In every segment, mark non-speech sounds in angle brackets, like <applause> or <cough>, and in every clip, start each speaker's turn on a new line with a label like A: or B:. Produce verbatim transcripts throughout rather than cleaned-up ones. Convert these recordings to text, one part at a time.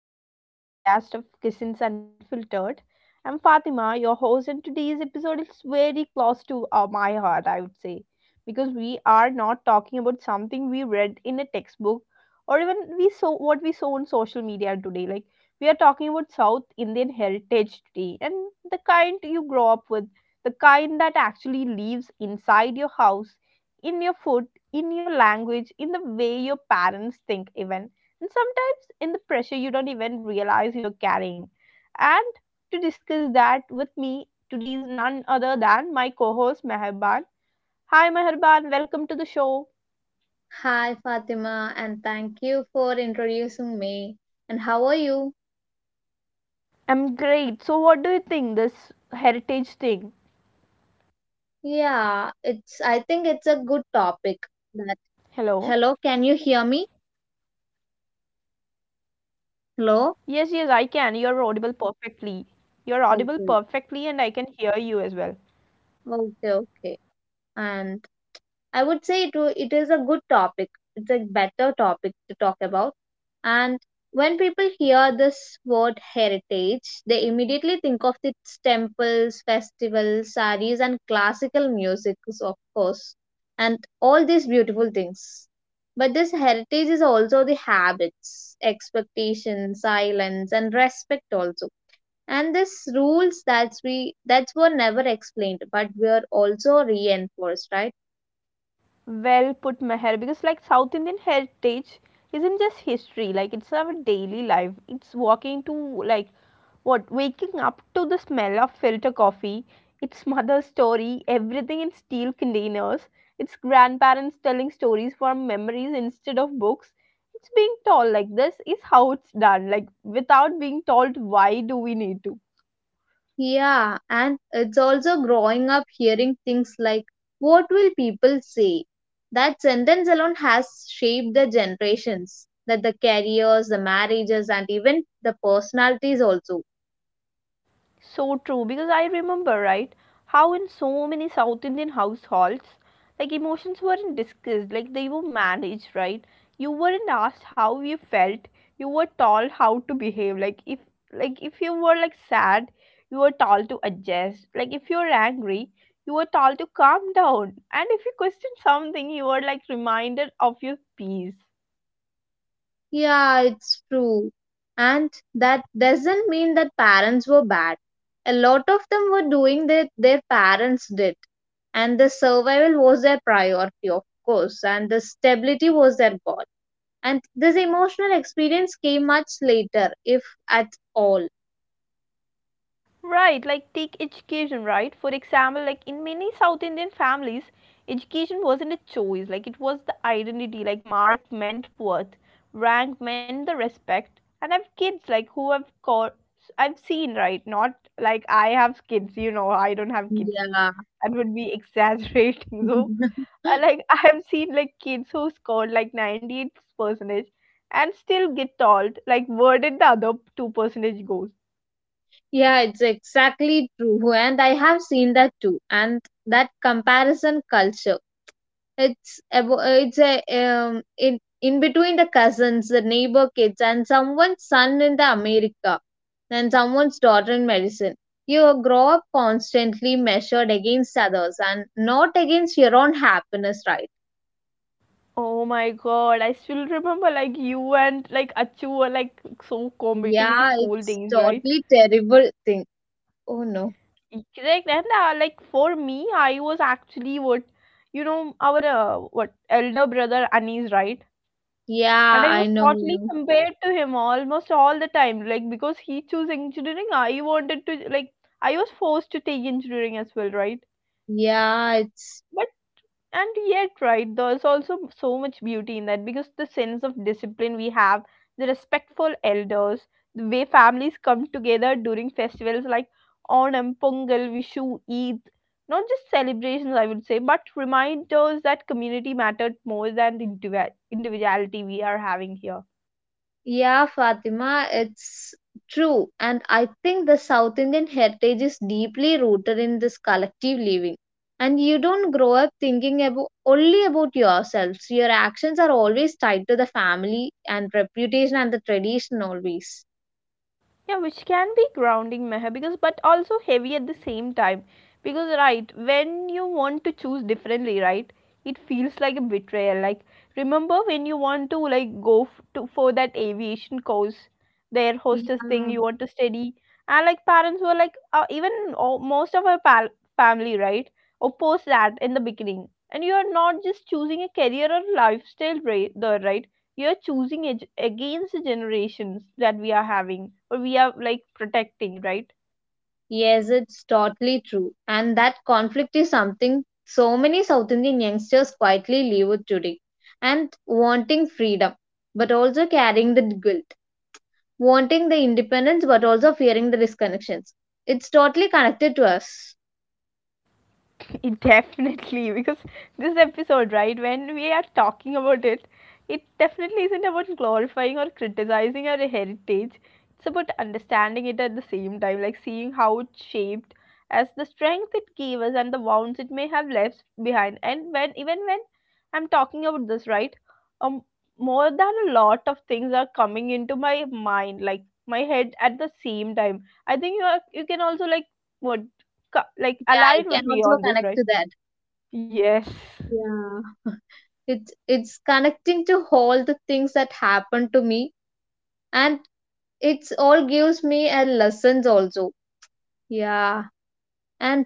A: to another podcast of Kissins Unfiltered. I'm Fatima, your host, and today's episode is very close to uh, my heart, I would say, because we are not talking about something we read in a textbook or even we saw what we saw on social media today. Like we are talking about South Indian heritage today, and the kind you grow up with, the kind that actually lives inside your house, in your food, in your language, in the way your parents think, even, and sometimes in the pressure, you don't even realize you're carrying. And to discuss that with me today is none other than my co host Meherban. Hi, Meherban, welcome to the show.
B: Hi Fatima, and thank you for introducing me. And how are you?
A: I'm great. So, what do you think? This heritage thing.
B: Yeah, it's I think it's a good topic. That
A: Hello?
B: hello,
A: Ye-
B: can you hear me? Hello?
A: Yes, yes, I can. You're audible perfectly. You're audible
B: Okay.
A: perfectly, and I can hear you as well.
B: Okay, okay. And I would say it, wa- it is a good topic. It's a better topic to talk about. And when people hear this word heritage, they immediately think of its temples, festivals, saris, and classical music, of course, and all these beautiful things. But this heritage is also the habits, expectations, silence, and respect also. And these rules that we that were never explained, but were also reinforced, right?
A: Well put, Meher, because like South Indian heritage isn't just history, like it's our daily life. It's walking to like what waking up to the smell of filter coffee, its mother's story, everything in steel containers, its grandparents telling stories from memories instead of books. It's being told like this is how it's done, like without being told why do we need to.
B: Yeah, and it's also growing up hearing things like, what will people say? That sentence alone has shaped the generations, that the careers, the marriages, and even the personalities also.
A: So true, because I remember, right, how in so many South Indian households, like emotions weren't discussed, like they were managed, right? You weren't asked how you felt, you were told how to behave. Like if like if you were like sad, you were told to adjust. Like if you were angry, you were told to calm down. And if you questioned something, you were like reminded of your peace.
B: Yeah, it's true. And that doesn't mean that parents were bad. A lot of them were doing that their parents did. And the survival was their priority, of course, and the stability was their goal. And this emotional experience came much later, if at all.
A: Right, like take education, right? For example, like in many South Indian families, education wasn't a choice, like it was the identity, like mark meant worth, rank meant the respect. And I've kids like who have got I've seen, right? Not like I have kids, you know, I don't have kids.
B: Yeah.
A: That would be exaggerating. <laughs> So
B: <laughs>
A: uh, like <laughs> I have seen like kids who scored like ninety-eight percentage and still get told like where did the other two percentage goes.
B: Yeah, it's exactly true. And I have seen that too. And that comparison culture. It's abo- uh, it's a um, in in between the cousins, the neighbor kids, and someone's son in the America, and someone's daughter in medicine. You grow up constantly measured against others and not against your own happiness, right?
A: Oh my god, I still remember like you and like Achu were like so competing in
B: Yeah,
A: school
B: it's
A: days, right?
B: totally terrible thing. Oh no.
A: Correct. And uh, like for me, I was actually what you know, our uh, what elder brother Anis, right?
B: Yeah,
A: And I
B: I
A: was
B: know, I
A: totally
B: know.
A: compared to him almost all the time, like because he chose engineering, I wanted to like I was forced to take engineering as well, right?
B: Yeah, it's
A: And yet, right, there's also so much beauty in that because the sense of discipline we have, the respectful elders, the way families come together during festivals like Onam, Pongal, Vishu, Eid, not just celebrations, I would say, but reminders that community mattered more than the individu- individuality we are having here.
B: yeah, Fatima, it's true. And I think the South Indian heritage is deeply rooted in this collective living. And you don't grow up thinking about only about yourselves. Your actions are always tied to the family and reputation and the tradition always.
A: Yeah, which can be grounding, Meher, because but also heavy at the same time, because right when you want to choose differently, right, it feels like a betrayal. Like remember when you want to like go f- to for that aviation course, the air hostess thing
B: Yeah.
A: you want to study. And like parents were like uh, even o- most of our pal- family, right, opposed that in the beginning. And you are not just choosing a career or lifestyle, right, there, right, you're choosing ag- against the generations that we are having or we are like protecting, right.
B: Yes, it's totally true. And that conflict is something so many South Indian youngsters quietly live with today. And wanting freedom, but also carrying the guilt. Wanting the independence, but also fearing the disconnections. It's totally connected to us.
A: <laughs> It Definitely, because this episode, right, when we are talking about it, it definitely isn't about glorifying or criticizing our heritage. It's about understanding it at the same time, like seeing how it shaped as the strength it gave us, and the wounds it may have left behind. And when, even when I'm talking about this, right, um, more than a lot of things are coming into my mind, like my head at the same time. I think you are, you can also like what co- like
B: Yeah, I
A: align with
B: can
A: me
B: also
A: on this,
B: connect to
A: right?
B: that.
A: Yes.
B: Yeah. It's it's connecting to all the things that happened to me, and it's all gives me a lessons also. Yeah. And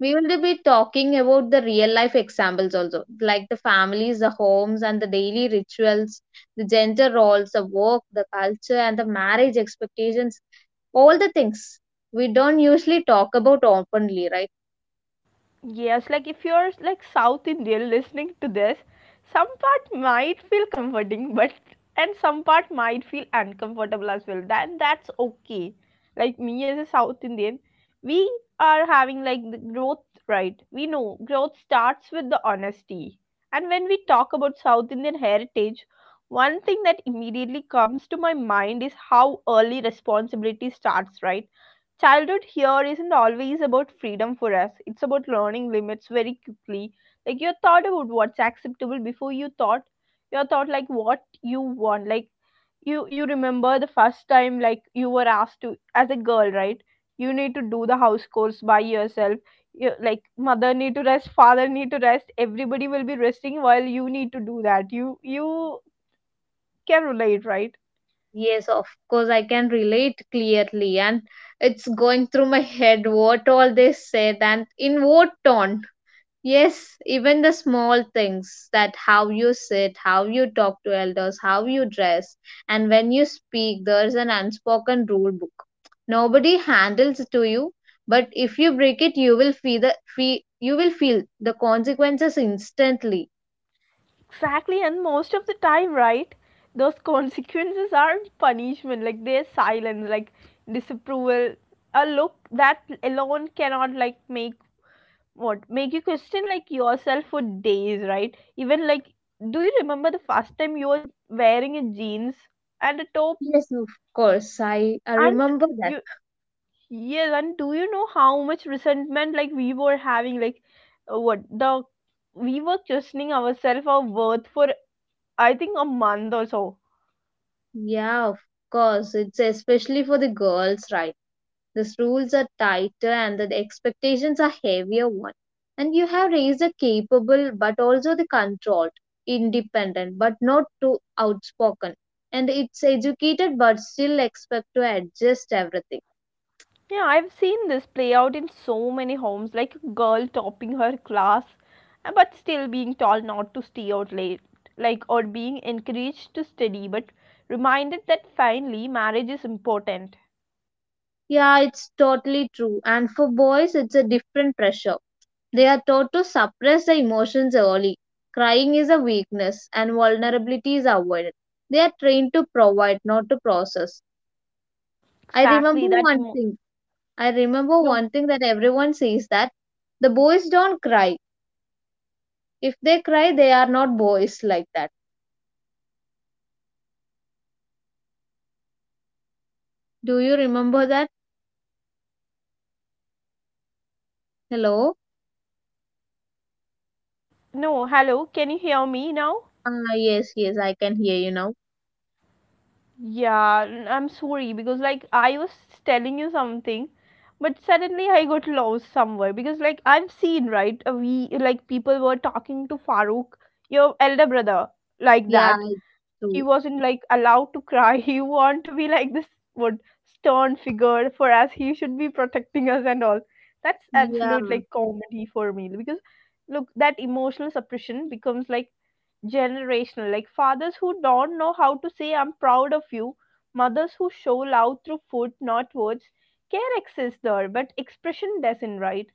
B: we will be talking about the real life examples also, like the families, the homes, and the daily rituals, the gender roles, the work, the culture, and the marriage expectations, all the things we don't usually talk about openly, right?
A: Yes, like if you're like South Indian listening to this, some part might feel comforting, but and some part might feel uncomfortable as well. Then that's okay. Like me as a South Indian, we are having like the growth, right? We know growth starts with the honesty. And when we talk about South Indian heritage, one thing that immediately comes to my mind is how early responsibility starts, right? Childhood here isn't always about freedom for us, it's about learning limits very quickly. Like you thought about what's acceptable before you thought you thought like what you want. Like you you remember the first time, like, you were asked to, as a girl, right, you need to do the house chores by yourself. You, like mother need to rest, father need to rest, everybody will be resting while you need to do that. You you can relate, right?
B: Yes, of course, I can relate clearly, and it's going through my head what all they said and in what tone. Yes, even the small things that how you sit, how you talk to elders, how you dress, and when you speak, there's an unspoken rule book. Nobody handles it to you, but if you break it, you will feel the feel, you will feel the consequences instantly.
A: Exactly, and most of the time, right, those consequences aren't punishment, like they're silence, like disapproval, a look that alone cannot like make what make you question like yourself for days, right? Even like, do you remember the first time you were wearing a jeans and a top,
B: Yes, of course. I, I
A: and
B: remember that.
A: you. Yes, and do you know how much resentment like we were having, like uh, what the we were questioning ourselves our worth for, I think, a month or so.
B: Yeah, of course. It's especially for the girls, right? These rules are tighter and the expectations are heavier one. And you have raised a capable but also the controlled, independent but not too outspoken. And it's educated but still expect to adjust everything.
A: Yeah, I've seen this play out in so many homes, like a girl topping her class, uh, but still being told not to stay out late, like, or being encouraged to study, but reminded that finally marriage is important.
B: Yeah, it's totally true. And for boys, it's a different pressure. They are taught to suppress the emotions early. Crying is a weakness and vulnerability is avoided. They are trained to provide, not to process. I remember
A: Exactly, that
B: one
A: emo-
B: thing. I remember
A: no,
B: one thing that everyone says that the boys don't cry. If they cry, they are not boys like that. Do you remember that? Hello?
A: no, hello, can you hear me now?
B: Ah, yes, yes, I can hear you now.
A: Yeah, n- I'm sorry because like I was telling you something, but suddenly I got lost somewhere because like I've seen, right, uh, we like people were talking to Farooq, your elder brother, like
B: Yeah,
A: that.
B: I
A: He
B: do.
A: wasn't like allowed to cry. <laughs> He want to be like this what stern figure for us. He should be protecting us and all. That's
B: Yeah.
A: absolute like comedy for me because look, that emotional suppression becomes like generational. Like fathers who don't know how to say I'm proud of you, mothers who show love through food, not words. Care exists there, but expression doesn't, right?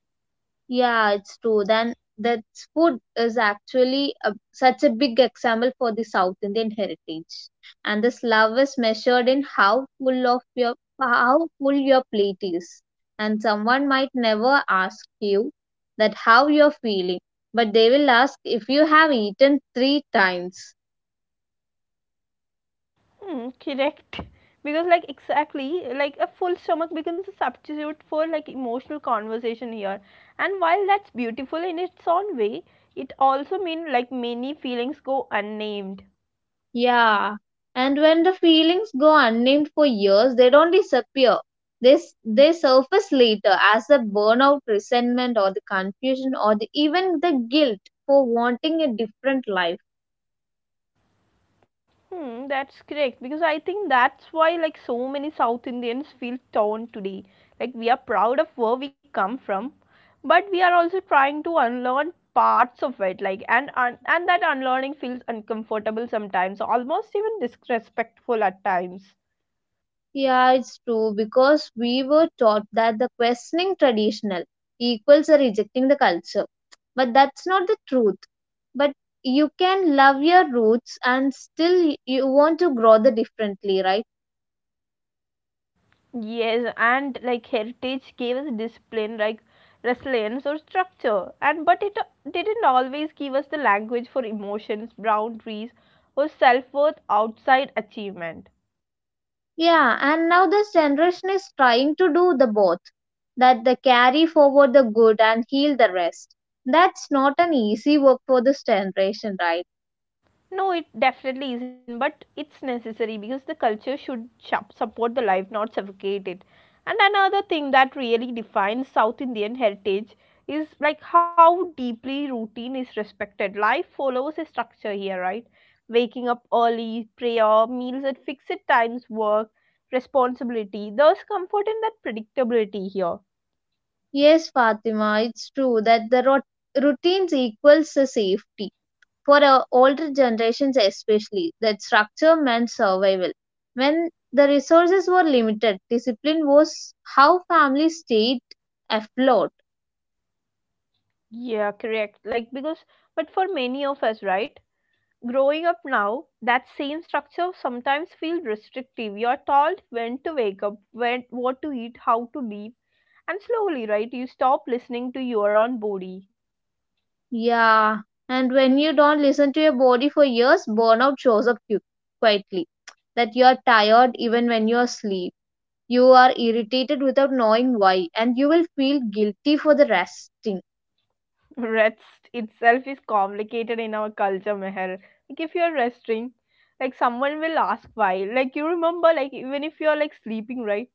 B: Yeah, it's true. Then that food is actually a, such a big example for the South Indian heritage. And this love is measured in how full of your how full your plate is. And someone might never ask you that how you're feeling, but they will ask if you have eaten three times.
A: Hmm, correct, <laughs> because like exactly like a full stomach becomes a substitute for like emotional conversation here. And while that's beautiful in its own way, it also means like many feelings go unnamed.
B: Yeah, and when the feelings go unnamed for years, they don't disappear. They, s- they surface later as the burnout, resentment, or the confusion, or the, even the guilt for wanting a different life.
A: Hmm, that's correct because I think that's why like so many South Indians feel torn today. Like we are proud of where we come from, but we are also trying to unlearn parts of it. Like, and un- and that unlearning feels uncomfortable sometimes, almost even disrespectful at times.
B: Yeah, it's true because we were taught that the questioning traditional equals a rejecting the culture. But that's not the truth. But you can love your roots and still you want to grow the differently, right?
A: Yes, and like heritage gave us discipline, like resilience or structure, and but it didn't always give us the language for emotions, boundaries, or self worth outside achievement.
B: Yeah, and now this generation is trying to do the both that they carry forward the good and heal the rest. That's not an easy work for this generation, right?
A: No, it definitely isn't, but it's necessary because the culture should shup- support the life, not suffocate it. And another thing that really defines South Indian heritage is like how deeply routine is respected. Life follows a structure here, right? Waking up early, prayer, meals at fixed times, work, responsibility. There's comfort in that predictability here.
B: Yes, Fatima, it's true that the rot- routines equals the safety for our older generations, especially that structure meant survival. When the resources were limited, discipline was how families stayed afloat.
A: Yeah, correct. Like, because, but for many of us, right? Growing up now, that same structure sometimes feels restrictive. You're told when to wake up, when what to eat, how to live, and slowly, right, you stop listening to your own body.
B: Yeah, and when you don't listen to your body for years, burnout shows up quick, quietly. <tsk> That you are tired even when you are asleep. You are irritated without knowing why, and you will feel guilty for the resting.
A: <laughs> Rest itself is complicated in our culture, Meher. Like if you're resting, like someone will ask why. Like you remember, like even if you're like sleeping, right,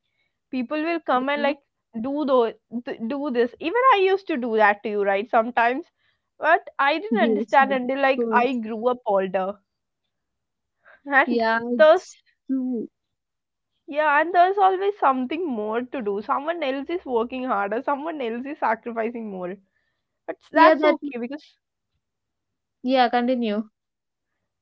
A: people will come and
B: Yeah.
A: like do those, do this. Even I used to do that to you, right? Sometimes, but I didn't
B: Yes,
A: understand
B: of
A: until like I
B: course.
A: grew up older. And
B: Yeah, it's
A: there's
B: true.
A: yeah, and there's always something more to do. Someone else is working harder, someone else is sacrificing more. But
B: Yeah,
A: that's
B: that,
A: okay because
B: yeah, continue.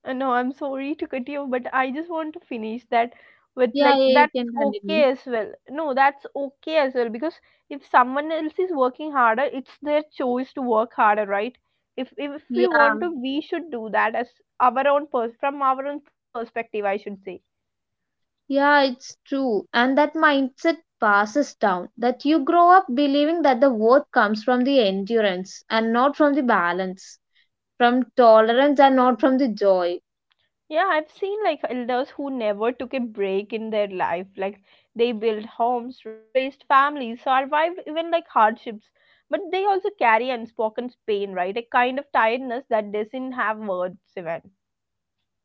A: I know, I'm sorry to cut you, but I just want to finish that with
B: Yeah,
A: like
B: yeah, you
A: that's
B: can continue.
A: okay as well. No, that's okay as well because if someone else is working harder, it's their choice to work harder, right? If if we
B: Yeah,
A: want to, we should do that as our own pers- from our own perspective, I should say.
B: yeah, it's true. And that mindset passes down that you grow up believing that the worth comes from the endurance and not from the balance, from tolerance and not from the joy.
A: Yeah, I've seen like elders who never took a break in their life. Like they built homes, raised families, survived even like hardships. But they also carry unspoken pain, right? A kind of tiredness that doesn't have words even.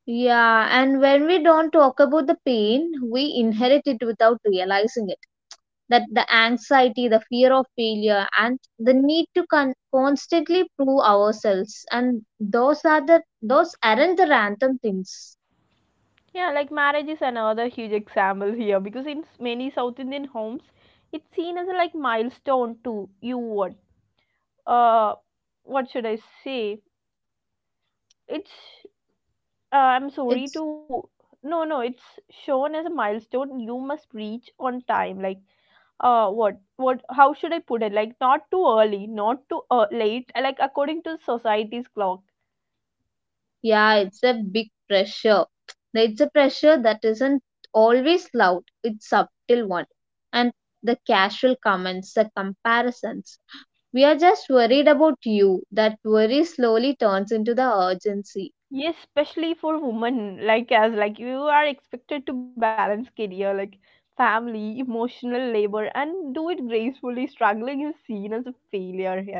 B: Yeah, and when we don't talk about the pain, we inherit it without realizing it. That the anxiety, the fear of failure, and the need to con- constantly prove ourselves, and those are the those aren't the random things.
A: Yeah, like marriage is another huge example here because in s- many South Indian homes, it's seen as a like milestone to you what uh what should I say? It's. Uh, I'm sorry
B: It's
A: to. No, no, it's shown as a milestone you must reach on time. Like, uh, what, what, how should I put it? Like, not too early, not too uh, late. uh, Like, according to society's clock.
B: yeah, it's a big pressure. It's a pressure that isn't always loud, it's subtle one. And the casual comments, the comparisons. We are just worried about you. That worry slowly turns into the urgency.
A: Yes, especially for women, like as like you are expected to balance career, like family, emotional labor, and do it gracefully. Struggling is seen as a failure here.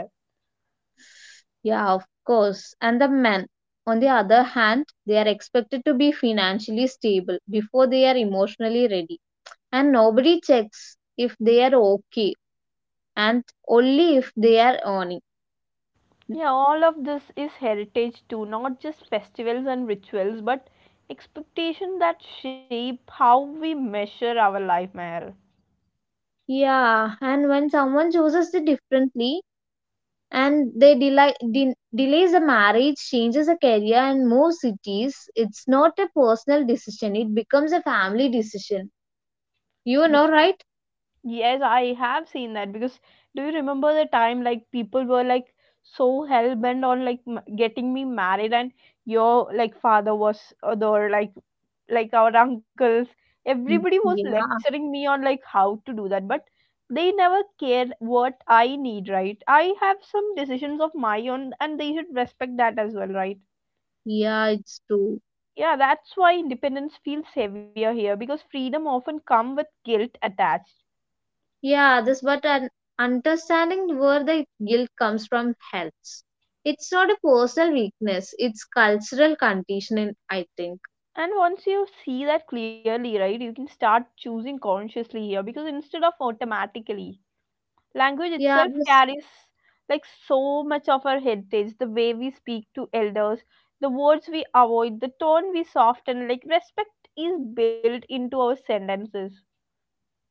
B: Yeah, of course. And the men, on the other hand, they are expected to be financially stable before they are emotionally ready. And nobody checks if they are okay and only if they are earning.
A: Yeah, all of this is heritage too, not just festivals and rituals, but expectation that shape how we measure our life, Meher.
B: Yeah, and when someone chooses it differently and they delay, de- delays a marriage, changes a career, and moves cities, it's not a personal decision. It becomes a family decision. You know, right?
A: Yes, I have seen that because do you remember the time like people were like so hell bent on like m- getting me married, and your like father was or the or, like like our uncles, everybody
B: Mm,
A: was
B: yeah,
A: lecturing me on like how to do that, but they never cared what I need, right? I have some decisions of my own and they should respect that as well, right?
B: yeah, it's true.
A: Yeah, that's why independence feels heavier here because freedom often come with guilt attached.
B: Yeah, this but an understanding where the guilt comes from helps. It's not a personal weakness. It's cultural conditioning, I think.
A: And once you see that clearly, right, you can start choosing consciously here because instead of automatically, language
B: Yeah,
A: itself
B: this
A: carries like so much of our heritage, the way we speak to elders, the words we avoid, the tone we soften, like respect is built into our sentences.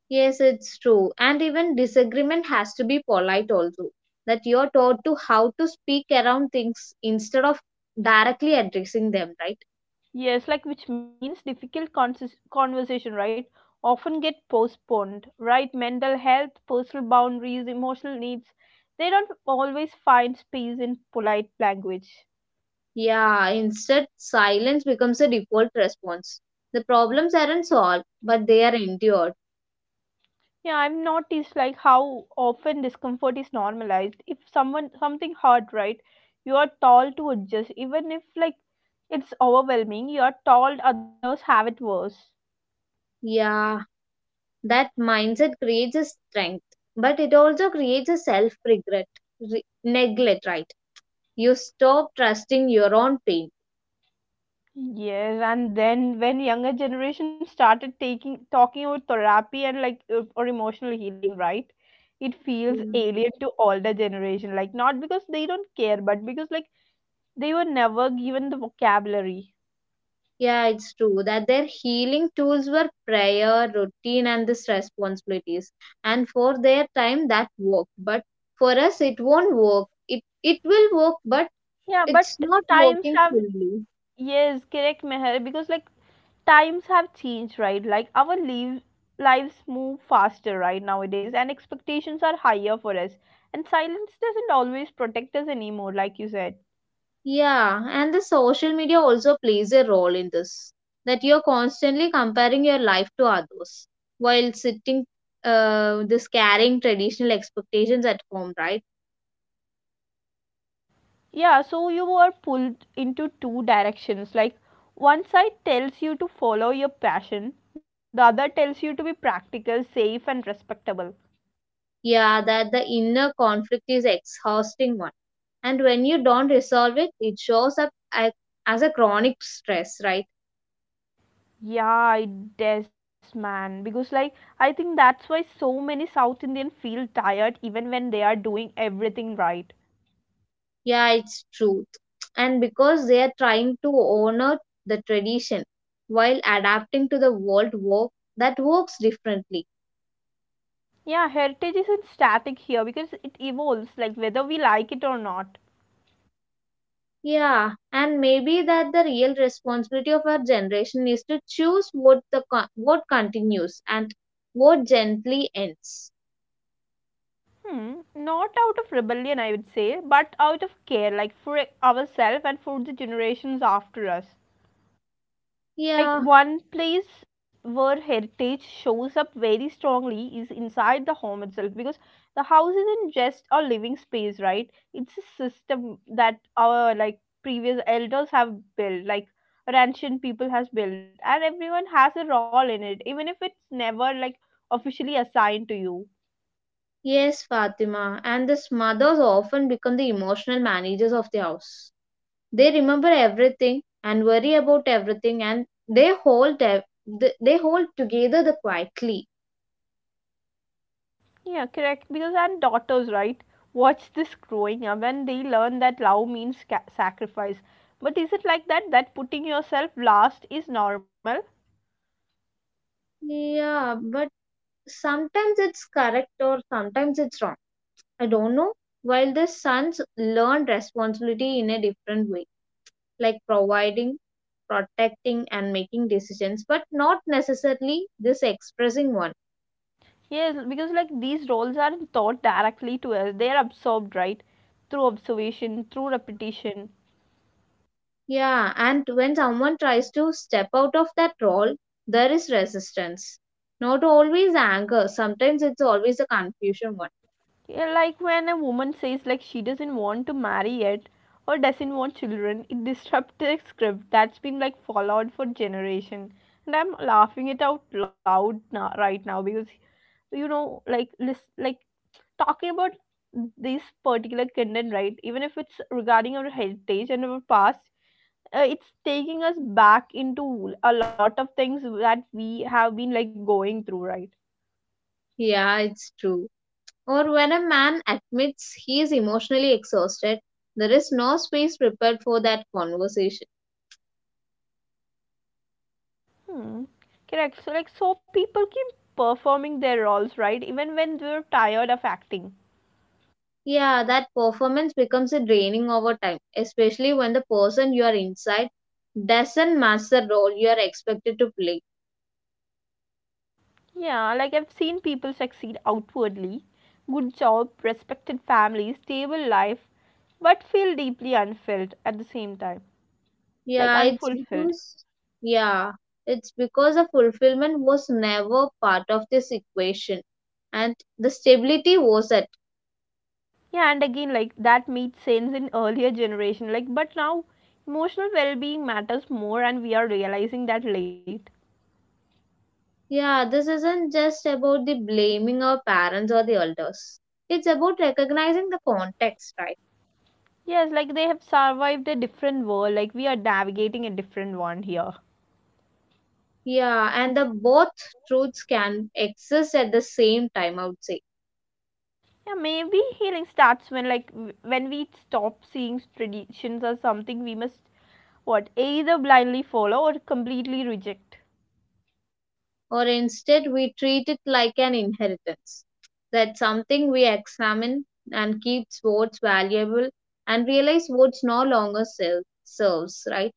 B: yes, it's true. And even disagreement has to be polite also. That you're taught to how to speak around things instead of directly addressing them, right?
A: Yes, like which means difficult consis- conversation, right? Often get postponed, right? Mental health, personal boundaries, emotional needs, they don't always find space in polite language.
B: Yeah, instead, silence becomes a default response. The problems aren't solved, but they are endured.
A: Yeah, I've noticed like how often discomfort is normalized. If someone something hard, right? You are told to adjust, even if like it's overwhelming. You are told others have it worse.
B: Yeah, that mindset creates a strength, but it also creates a self regret, re- neglect, right? You stop trusting your own pain.
A: Yes, and then when younger generation started taking talking about therapy and like uh, or emotional healing, right? It feels
B: Yeah.
A: alien to older generation. Like not because they don't care, but because like they were never given the vocabulary.
B: Yeah, it's true that their healing tools were prayer, routine, and these responsibilities. And for their time, that worked. But for us, it won't work. It it will work, but
A: Yeah,
B: it's
A: but
B: not
A: times
B: working
A: have
B: fully.
A: yes, correct, Meher, because like times have changed, right? Like our live, lives move faster right nowadays, and expectations are higher for us. And silence doesn't always protect us anymore, like you said.
B: Yeah, and the social media also plays a role in this. That you're constantly comparing your life to others while sitting, uh, this carrying traditional expectations at home, right?
A: Yeah, so you are pulled into two directions. Like one side tells you to follow your passion, the other tells you to be practical, safe, and respectable.
B: Yeah, that the inner conflict is exhausting one. And when you don't resolve it, it shows up a- as a chronic stress, right?
A: Yeah, it does, man. Because, like, I think that's why so many South Indian feel tired even when they are doing everything right.
B: Yeah, it's truth. And because they are trying to honor the tradition while adapting to the world work that works differently.
A: Yeah, heritage isn't static here because it evolves, like whether we like it or not.
B: Yeah, and maybe that the real responsibility of our generation is to choose what the co- what continues and what gently ends.
A: Hmm, not out of rebellion, I would say, but out of care, like for ourselves and for the generations after us. Like
B: Yeah.
A: one place where heritage shows up very strongly is inside the home itself because the house isn't just a living space, right, it's a system that our like previous elders have built, like or ancient people has built, and everyone has a role in it even if it's never like officially assigned to you.
B: Yes, Fatima. And these mothers often become the emotional managers of the house. They remember everything and worry about everything, and they hold ev- th- they hold together the quietly.
A: Yeah, correct. Because and daughters, right, watch this growing up and they learn that love means ca- sacrifice. But is it like that? That putting yourself last is normal?
B: Yeah, but sometimes it's correct or sometimes it's wrong. I don't know. While the sons learn responsibility in a different way, like providing, protecting, and making decisions, but not necessarily this expressing one.
A: Yes, because like these roles aren't taught directly to us, they are absorbed, right? Through observation, through repetition.
B: Yeah, and when someone tries to step out of that role, there is resistance. Not always anger, sometimes it's always a confusion one.
A: Yeah, like when a woman says like she doesn't want to marry yet or doesn't want children, it disrupts the script that's been like followed for generation. And I'm laughing it out loud now, right now, because so, you know like list like talking about this particular content, right, even if it's regarding our heritage and our past, uh, it's taking us back into a lot of things that we have been like going through, right.
B: Yeah, it's true. Or when a man admits he is emotionally exhausted, there is no space prepared for that conversation.
A: Hmm. Correct, so like so people keep performing their roles right even when they're tired of acting.
B: Yeah, that performance becomes a draining over time, especially when the person you are inside doesn't match the role you are expected to play.
A: Yeah, like I've seen people succeed outwardly, good job, respected family, stable life, but feel deeply unfilled at the same time.
B: Yeah,
A: Like
B: it's
A: unfulfilled
B: because, yeah, it's because the fulfillment was never part of this equation and the stability wasn't.
A: yeah, and again like that made sense in earlier generation, like, but now emotional well-being matters more and we are realizing that late.
B: Yeah, this isn't just about the blaming our parents or the elders. It's about recognizing the context, right?
A: Yes, like they have survived a different world, like we are navigating a different one here.
B: Yeah, and the both truths can exist at the same time, I would say.
A: Yeah, maybe healing starts when like w- when we stop seeing traditions as something we must what either blindly follow or completely reject.
B: Or instead we treat it like an inheritance. That's something we examine and keeps what's valuable and realize what's no longer serves, right?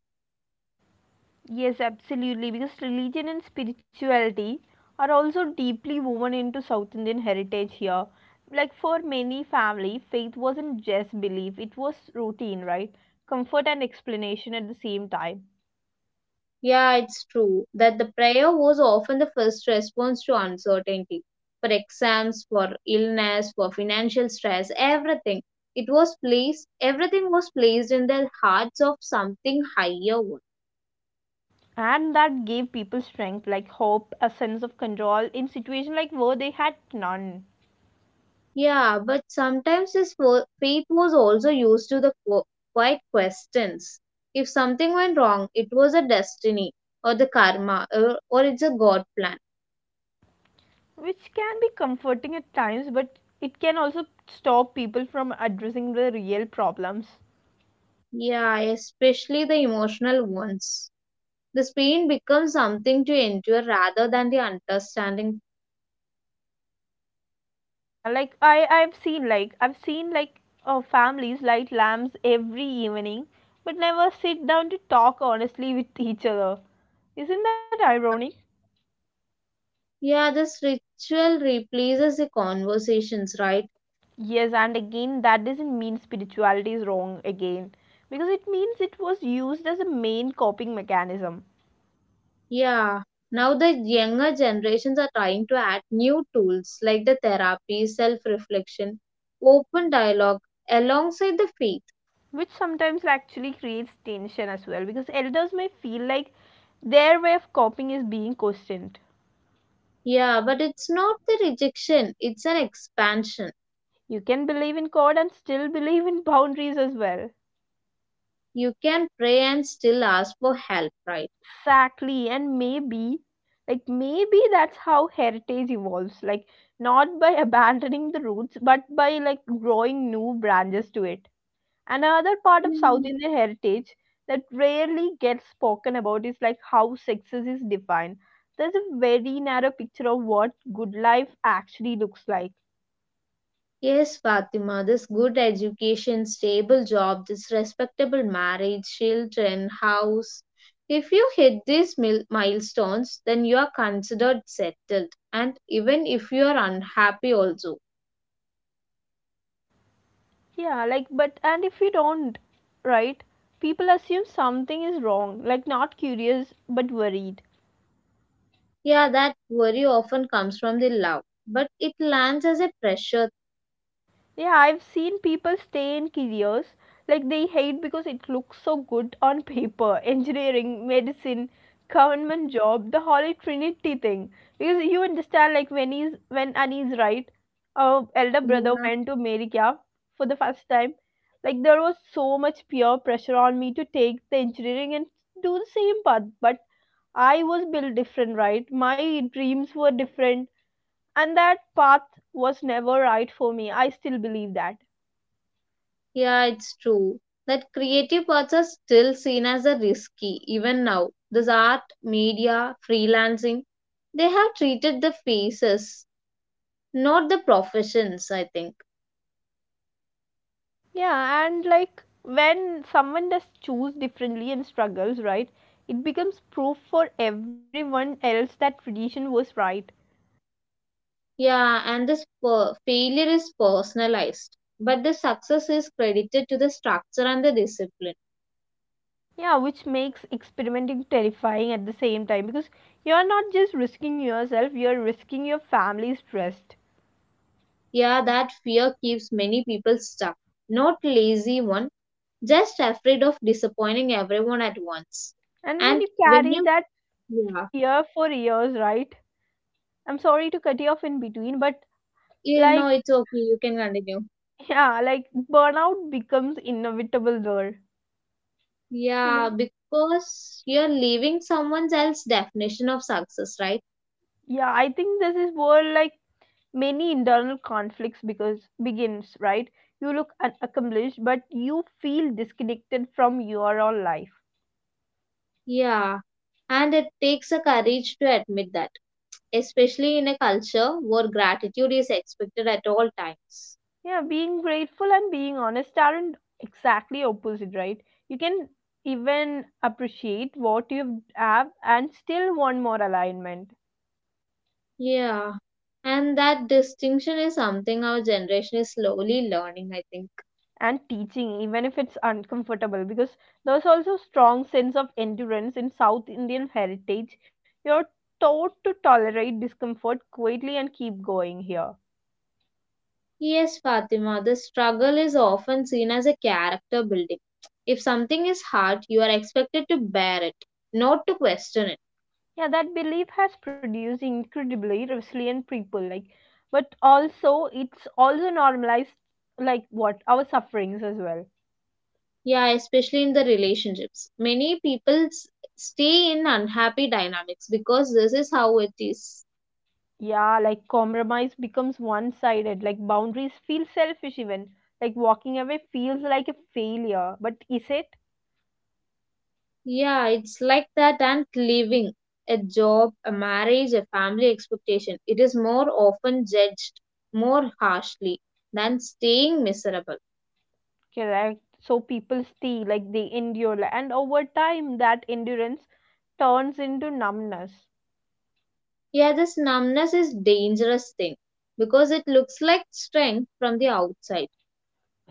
A: Yes, absolutely, because religion and spirituality are also deeply woven into South Indian heritage here. Like for many family, faith wasn't just belief, it was routine, right? Comfort and explanation at the same time.
B: Yeah, it's true that the prayer was often the first response to uncertainty. For exams, for illness, for financial stress, everything. It was placed, everything was placed in the hearts of something higher.
A: And that gave people strength, like hope, a sense of control in situations like where they had none.
B: Yeah, but sometimes his fo- faith was also used to the qu- quiet questions. If something went wrong, it was a destiny or the karma or, or it's a God plan.
A: Which can be comforting at times, but it can also stop people from addressing the real problems.
B: Yeah, especially the emotional ones. This pain becomes something to endure rather than the understanding.
A: Like i i've seen like i've seen like uh, families light lamps every evening but never sit down to talk honestly with each other. Isn't that ironic?
B: Yeah, this ritual replaces the conversations, right?
A: Yes, and again that doesn't mean spirituality is wrong, again, because it means it was used as a main coping mechanism,
B: Yeah, now the younger generations are trying to add new tools like the therapy, self reflection, open dialogue alongside the faith.
A: which sometimes actually creates tension as well because elders may feel like their way of coping is being questioned.
B: Yeah, but it's not the rejection, it's an expansion.
A: You can believe in god and still believe in boundaries as well.
B: You can pray and still ask for help, right?
A: Exactly, and maybe, like, maybe that's how heritage evolves, like, not by abandoning the roots, but by, like, growing new branches to it. Another part of South
B: Yeah.
A: Indian heritage that rarely gets spoken about is, like, how success is defined. There's a very narrow picture of what good life actually looks like.
B: Yes, Fatima, this good education, stable job, this respectable marriage, children, house. If you hit these mil- milestones, then you are considered settled, and even if you are unhappy, also.
A: Yeah, like, but, and if you don't, right, people assume something is wrong, like, not curious, but worried.
B: Yeah, that worry often comes from the love, but it lands as a pressure.
A: Yeah, I've seen people stay in careers like they hate because it looks so good on <laughs> paper. Engineering, medicine, government job, the holy trinity thing. Because you understand, like when he's when Annie's right, our elder brother
B: Yeah,
A: went to America for the first time. Like there was so much peer pressure on me to take the engineering and do the same path, but I was built different, right? My dreams were different, and that path was never right for me. I still believe that.
B: yeah, it's true. That creative paths are still seen as a risky, even now. This art, media, freelancing, they have treated the phases. Not the professions, I think.
A: Yeah, and like when someone does choose differently and struggles, right, it becomes proof for everyone else that tradition was right.
B: Yeah, and this per- failure is personalized, but the success is credited to the structure and the discipline.
A: Yeah, which makes experimenting terrifying at the same time because you're not just risking yourself, you're risking your family's trust.
B: Yeah, that fear keeps many people stuck. Not lazy one, just afraid of disappointing everyone at once.
A: And when
B: And
A: you
B: when
A: carry
B: you,
A: that
B: yeah,
A: fear for years, right, I'm sorry to cut you off in between, but
B: you
A: like,
B: know, it's okay, you can continue.
A: <laughs> yeah, like burnout becomes inevitable there, you
B: Yeah,
A: know.
B: because you're leaving someone else's definition of success, right?
A: Yeah, I think this is where like many internal conflicts because begins right you look accomplished but you feel disconnected from your own life.
B: Yeah, and it takes a courage to admit that especially in a culture where gratitude is expected at all times.
A: Yeah, being grateful and being honest aren't exactly opposite, right, you can even appreciate what you have and still want more alignment.
B: Yeah, and that distinction is something our generation is slowly learning, I think.
A: And teaching even if it's uncomfortable because there's also strong sense of endurance in South Indian heritage, you're taught to tolerate discomfort quietly and keep going here.
B: Yes, Fatima, the struggle is often seen as a character building. If something is hard, you are expected to bear it, not to question it.
A: Yeah, that belief has produced incredibly resilient people like, but also it's also normalized like what our sufferings as well.
B: Yeah, especially in the relationships. Many people s- stay in unhappy dynamics because this is how it is.
A: Yeah like compromise becomes one sided, like boundaries feel selfish, even like walking away feels like a failure, but is it?
B: Yeah, it's like that and leaving a job, a marriage, a family expectation. It is more often judged more harshly than staying miserable.
A: Correct, so people stay, like they endure, and over time that endurance turns into numbness.
B: Yeah, this numbness is dangerous thing because it looks like strength from the outside.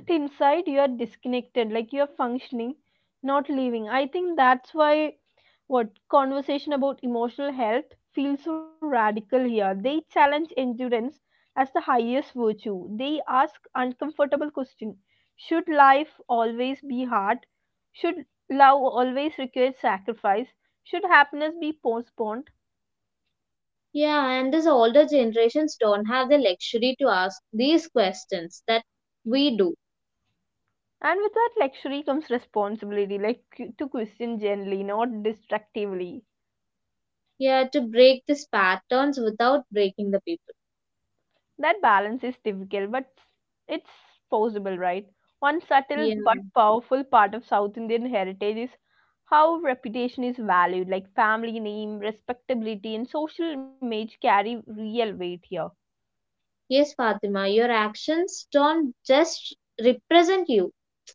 A: Inside you are disconnected, like you are functioning, not living. I think that's why what conversation about emotional health feels so radical here. They challenge endurance as the highest virtue. They ask uncomfortable question. Should life always be hard? Should love always require sacrifice? Should happiness be postponed?
B: Yeah, and these older generations don't have the luxury to ask these questions that we do.
A: And with that luxury comes responsibility, like to question gently, not destructively.
B: Yeah, to break these patterns without breaking the people.
A: That balance is difficult, but it's possible, right? One subtle
B: Yeah.
A: but powerful part of South Indian heritage is how reputation is valued, like family name, respectability, and social image carry real weight here.
B: Yes, Fatima, your actions don't just represent you.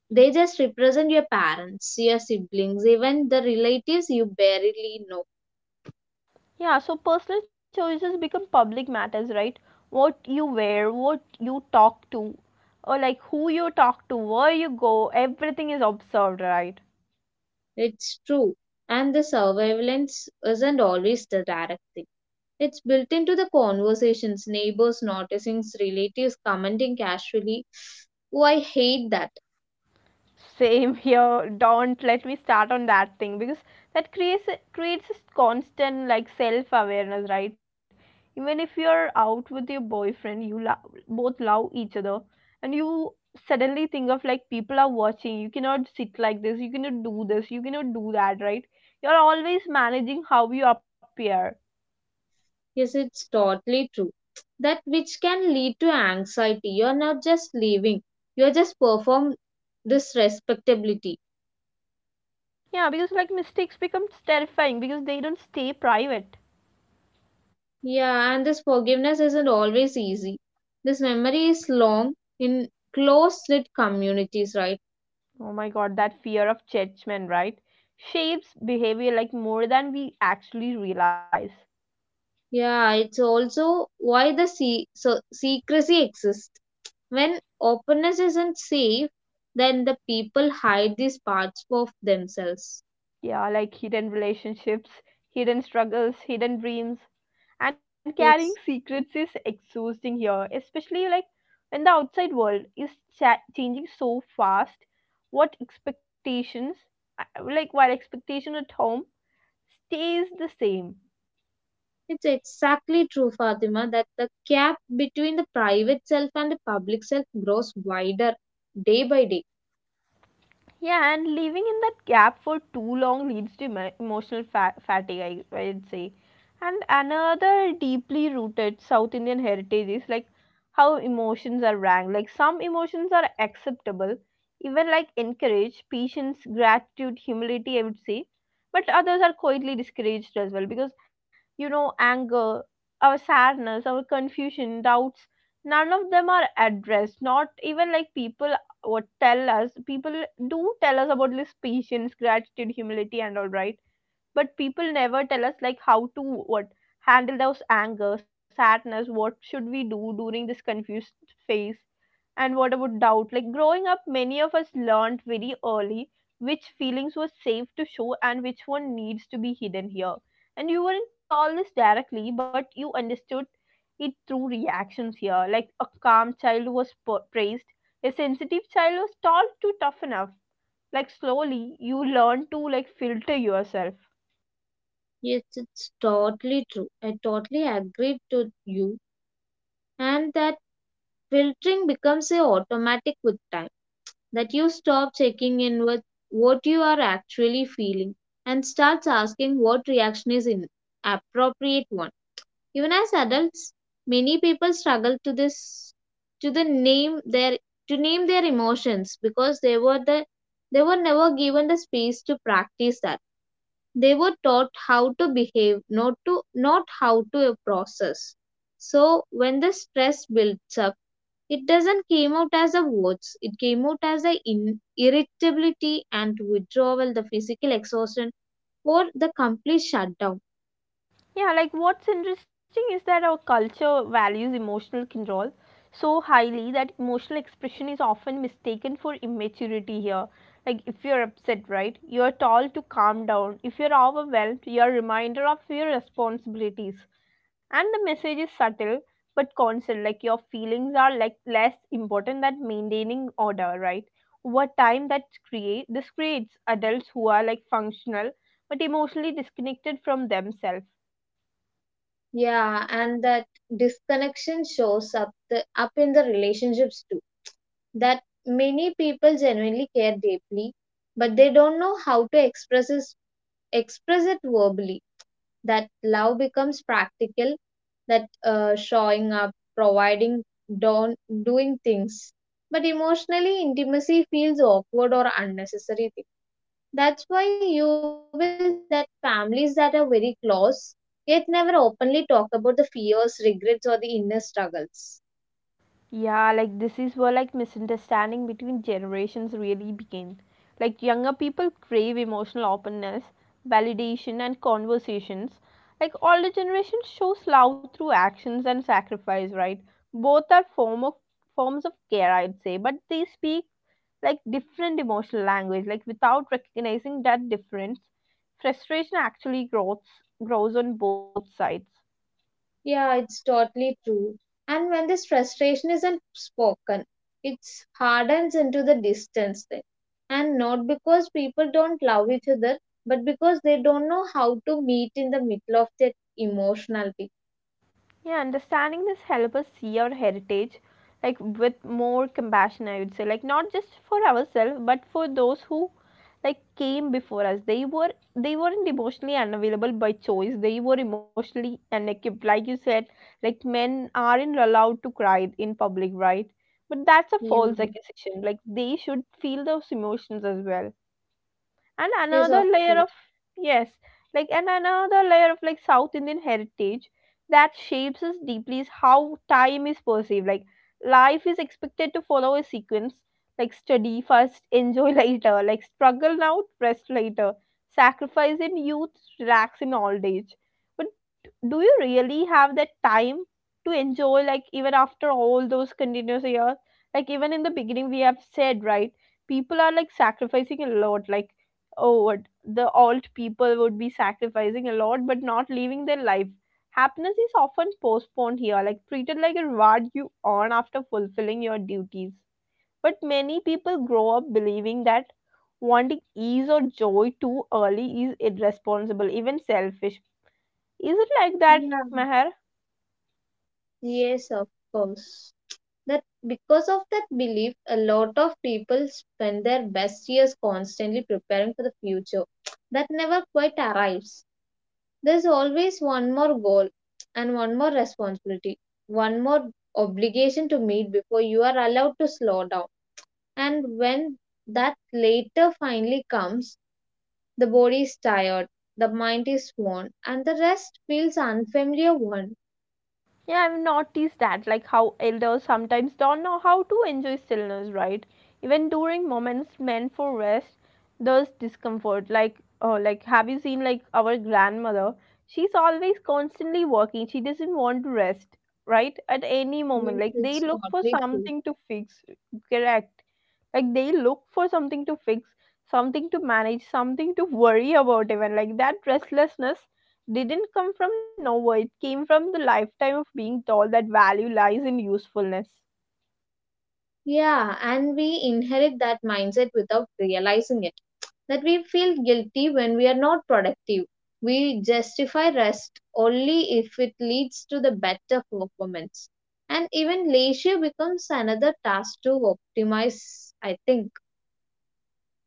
B: They just represent your parents, your siblings, even the relatives you barely know.
A: Yeah, so personal choices become public matters, right? What you wear, what you talk to, or like who you talk to, where you go, everything is observed, right?
B: It's true. And the surveillance isn't always the direct thing. It's built into the conversations, neighbors noticing, relatives commenting casually. Oh, I hate that.
A: Same here. Don't let me start on that thing because that creates creates this constant like self awareness, right? Even if you're out with your boyfriend, you lo- both love each other, and you suddenly think of like people are watching. You cannot sit like this. You cannot do this. You cannot do that, right? You're always managing how you appear.
B: Yes, it's totally true. That which can lead to anxiety. You're not just leaving, you're just perform this respectability.
A: Yeah, because like mistakes become terrifying because they don't stay private.
B: Yeah, and this forgiveness isn't always easy. This memory is long in close knit communities, right?
A: Oh my god, that fear of judgment, right? Shapes behavior like more than we actually realize.
B: Yeah, it's also why the se- so secrecy exists. When openness isn't safe, then the people hide these parts of themselves.
A: Yeah, like hidden relationships, hidden struggles, hidden dreams. And carrying
B: Yes,
A: secrets is exhausting here, especially like when the outside world is cha- changing so fast. What expectations, uh, like while expectation at home stays the same.
B: it's exactly true, Fatima, that the gap between the private self and the public self grows wider day by day.
A: Yeah, and living in that gap for too long leads to emo- emotional fa- fatigue, I, I'd say. And another deeply rooted South Indian heritage is like how emotions are ranked. Like some emotions are acceptable, even like encouraged, patience, gratitude, humility, I would say, but others are quietly discouraged as well because you know anger, our sadness, our confusion, doubts, none of them are addressed. Not even like people, what tell us. People do tell us about this patience, gratitude, humility and all, right? But people never tell us like how to, what handle those anger, sadness. What should we do during this confused phase? And what about doubt? Like growing up, many of us learned very early which feelings were safe to show and which one needs to be hidden here. And you weren't told this directly, but you understood it through reactions here. Like a calm child was pa- praised, a sensitive child was told to toughen up. Like slowly you learn to like filter yourself.
B: Yes, it's totally true. I totally agree to you and that filtering becomes a automatic with time that you stop checking in with what you are actually feeling and starts asking what reaction is an appropriate one even as adults many people struggle to this to the name their to name their emotions because they were the they were never given the space to practice that. They were taught how to behave, not to not how to process. So when the stress builds up it doesn't came out as a words. It came out as a in- irritability and withdrawal, the physical exhaustion, or the complete shutdown.
A: Yeah, like what's interesting is that our culture values emotional control so highly that emotional expression is often mistaken for immaturity here. Like if you're upset, right, you're told to calm down. If you're overwhelmed, you're reminded of your responsibilities. And the message is subtle but constant, like your feelings are like less important than maintaining order, right? Over time that create this creates adults who are like functional but emotionally disconnected from themselves.
B: Yeah, and that disconnection shows up the up in the relationships too. That many people genuinely care deeply, but they don't know how to express it, express it verbally. That love becomes practical, that uh, showing up, providing, don doing things, but emotionally intimacy feels awkward or unnecessary thing. That's why you will see that families that are very close yet never openly talk about the fears, regrets, or the inner struggles.
A: Yeah, like this is where like misunderstanding between generations really begin. Like younger people crave emotional openness, validation and conversations. Like older generation shows love through actions and sacrifice, right? Both are form of forms of care, I'd say, but they speak like different emotional language. Like without recognizing that difference, frustration actually grows grows on both sides.
B: Yeah, it's totally true. And when this frustration isn't spoken, it hardens into the distance thing. And not because people don't love each other, but because they don't know how to meet in the middle of that emotionality.
A: Yeah, understanding this help us see our heritage like with more compassion, I would say. Like not just for ourselves, but for those who like came before us. They were they weren't emotionally unavailable by choice. They were emotionally unequipped. Like you said, like men aren't allowed to cry in public, right? But that's a
B: Yeah.
A: false accusation. Like they should feel those emotions as well. And
B: Yes,
A: another
B: of
A: layer of,
B: course.
A: yes, like and another layer of like South Indian heritage that shapes us deeply is how time is perceived. Like life is expected to follow a sequence, like study first <laughs> enjoy later, like struggle now, rest later, sacrifice in youth, relax in old age. But do you really have that time to enjoy, like even after all those continuous years? Like even in the beginning we have said, right, people are like sacrificing a lot. Like, oh, what the alt people would be sacrificing a lot but not leaving their life. Happiness is often postponed here, like treated like a reward you earn after fulfilling your duties. But many people grow up believing that wanting ease or joy too early is irresponsible, even selfish. Is it like that,
B: Yeah.
A: Meher?
B: Yes, of course. That because of that belief, a lot of people spend their best years constantly preparing for the future that never quite arrives. There's always one more goal and one more responsibility, one more obligation to meet before you are allowed to slow down. And when that later finally comes, the body is tired, the mind is worn, and the rest feels unfamiliar one.
A: Yeah, I've noticed that, like how elders sometimes don't know how to enjoy stillness, right? Even during moments meant for rest, there's discomfort. Like, oh, like have you seen like our grandmother? She's always constantly working. She doesn't want to rest, right? At any moment,
B: Yes,
A: like they
B: it's
A: look for
B: totally true.
A: something to fix. Correct. Like they look for something to fix, something to manage, something to worry about. Even like that restlessness didn't come from nowhere. It came from the lifetime of being told that value lies in usefulness.
B: Yeah, and we inherit that mindset without realizing it. That we feel guilty when we are not productive. We justify rest only if it leads to the better performance. And even leisure becomes another task to optimize, I think.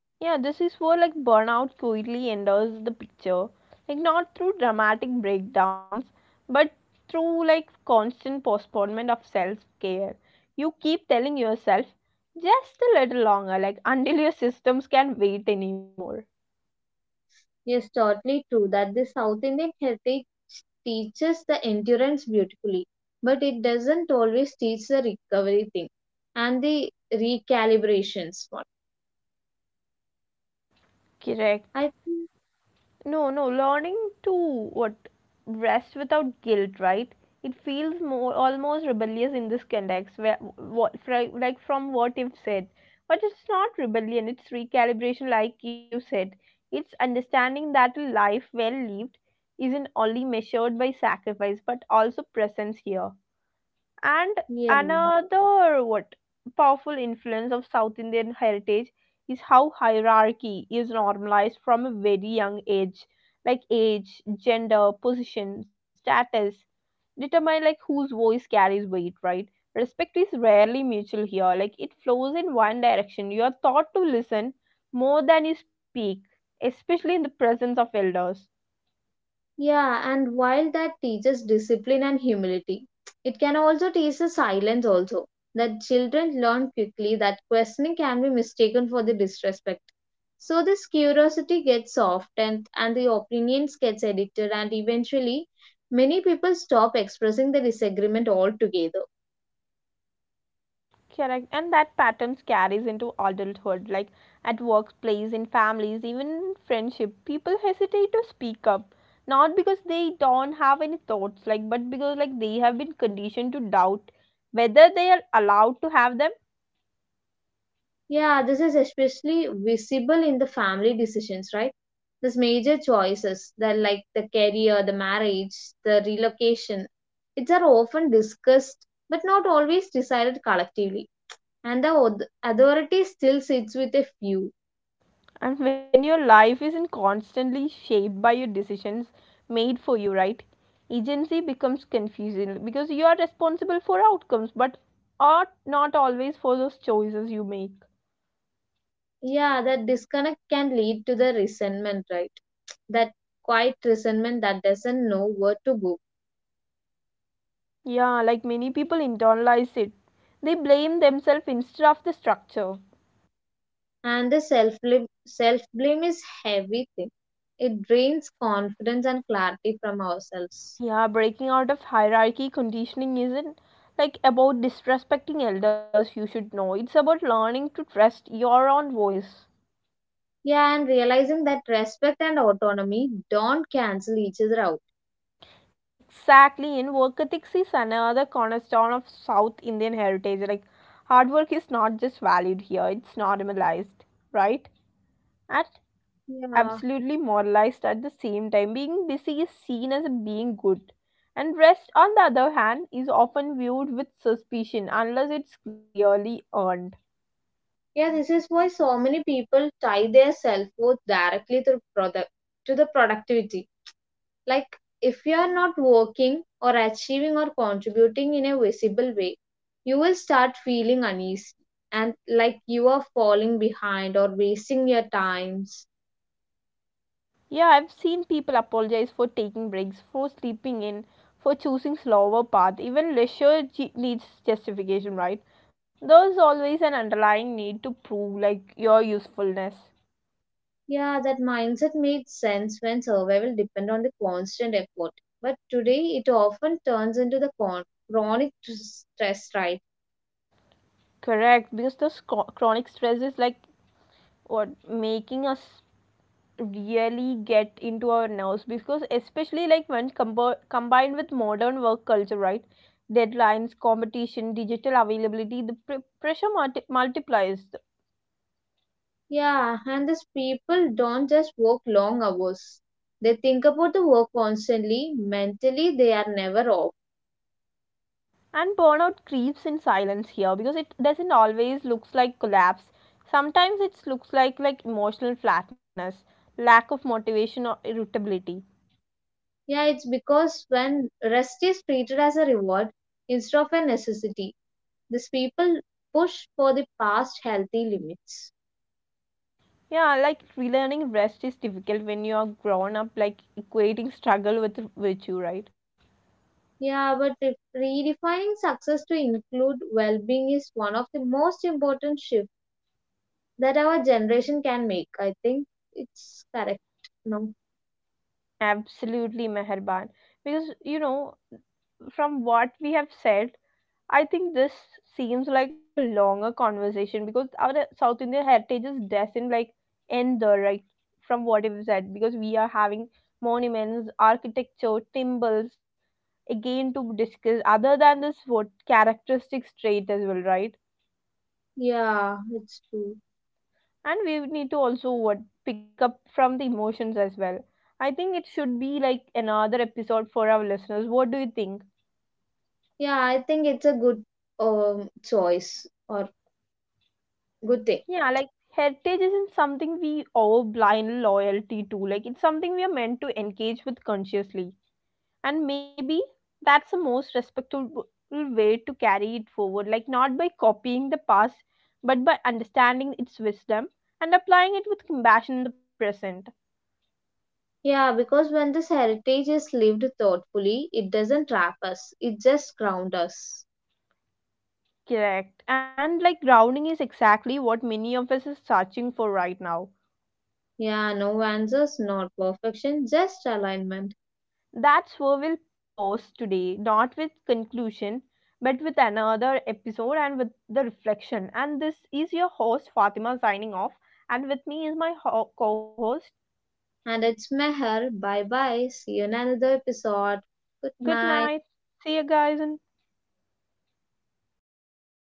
A: Yeah, this is where like burnout quietly enters the picture. Like not through dramatic breakdowns, but through like constant postponement of self care. You keep telling yourself just a little longer, like until your systems can't wait anymore.
B: Yes, totally true that the South Indian heritage teaches the endurance beautifully, but it doesn't always teach the recovery thing and the recalibrations. Part.
A: Correct.
B: I think,
A: No, no, Learning to what rest without guilt, right? It feels more almost rebellious in this context, where what fri- like from what you've said, but it's not rebellion. It's recalibration, like you said. It's understanding that a life well lived isn't only measured by sacrifice, but also presence here. And
B: yeah.
A: another what powerful influence of South Indian heritage is how hierarchy is normalized from a very young age. Like age, gender, position, status determine like whose voice carries weight, right? Respect is rarely mutual here. Like it flows in one direction. You are taught to listen more than you speak, especially in the presence of elders.
B: Yeah, and while that teaches discipline and humility, it can also teach the silence also. That children learn quickly that questioning can be mistaken for the disrespect. So this curiosity gets softened and the opinions gets edited and eventually many people stop expressing the disagreement altogether.
A: Correct. And that patterns carries into adulthood, like at workplace, in families, even in friendship. People hesitate to speak up, not because they don't have any thoughts, like but because like they have been conditioned to doubt whether they are allowed to have them.
B: Yeah, this is especially visible in the family decisions, right? These major choices, that like the career, the marriage, the relocation, it's are often discussed but not always decided collectively. And the auth- authority still sits with a few.
A: And when your life isn't constantly shaped by your decisions made for you, right? Agency becomes confusing because you are responsible for outcomes, but are not always for those choices you make.
B: Yeah, that disconnect can lead to the resentment, right? That quiet resentment that doesn't know where to go.
A: Yeah, like many people internalize it. They blame themselves instead of the structure.
B: And the self self blame is heavy thing. It drains confidence and clarity from ourselves.
A: Yeah, breaking out of hierarchy conditioning isn't like about disrespecting elders, you should know. It's about learning to trust your own voice.
B: Yeah, and realizing that respect and autonomy don't cancel each other out.
A: Exactly, and work ethics is another cornerstone of South Indian heritage. Like, hard work is not just valued here, it's normalized, right? And
B: Yeah.
A: absolutely moralized at the same time. Being busy is seen as being good, and rest, on the other hand, is often viewed with suspicion unless it's clearly earned.
B: Yeah, this is why so many people tie their self-worth directly to product to the productivity. Like if you are not working or achieving or contributing in a visible way, you will start feeling uneasy and like you are falling behind or wasting your times.
A: Yeah, I've seen people apologize for taking breaks, for sleeping in, for choosing slower path. Even leisure ge- needs justification, right? There's always an underlying need to prove like your usefulness.
B: Yeah, that mindset made sense when survival depended on the constant effort. But today it often turns into the con- chronic tr- stress, right?
A: Correct, because those chro- chronic stresses like what making us really get into our nerves, because especially like when combo- combined with modern work culture, right, deadlines, competition, digital availability, the pr- pressure multi- multiplies.
B: Yeah, and these people don't just work long hours. They think about the work constantly. Mentally, they are never off.
A: And burnout creeps in silence here because it doesn't always looks like collapse. Sometimes it looks like like emotional flatness, lack of motivation or irritability.
B: Yeah, it's because when rest is treated as a reward instead of a necessity, these people push for the past healthy limits.
A: Yeah, like relearning rest is difficult when you are grown up like equating struggle with virtue, right?
B: Yeah, but if redefining success to include well being is one of the most important shifts that our generation can make. I think it's correct. No.
A: Absolutely, Meherban. Because, you know, from what we have said, I think this seems like a longer conversation because our South Indian heritage is destined like end there, right? From what we have said, because we are having monuments, architecture, temples, again to discuss other than this what characteristics trait as well, right?
B: Yeah, it's true.
A: And we need to also what pick up from the emotions as well. I think it should be like another episode for our listeners. What do you think?
B: Yeah, I think it's a good um, choice or good thing.
A: Yeah, like heritage isn't something we owe blind loyalty to. Like it's something we are meant to engage with consciously. And maybe that's the most respectable way to carry it forward. Like not by copying the past, but by understanding its wisdom and applying it with compassion in the present.
B: Yeah, because when this heritage is lived thoughtfully, it doesn't trap us, it just grounds us.
A: Correct. And like grounding is exactly what many of us are searching for right now.
B: Yeah, no answers, not perfection, just alignment.
A: That's where we'll pause today, not with conclusion, but with another episode and with the reflection. And this is your host Fatima signing off, and with me is my ho- co-host.
B: And it's Meher. Bye bye. See you in another episode. Good
A: Good
B: night.
A: night. See you guys and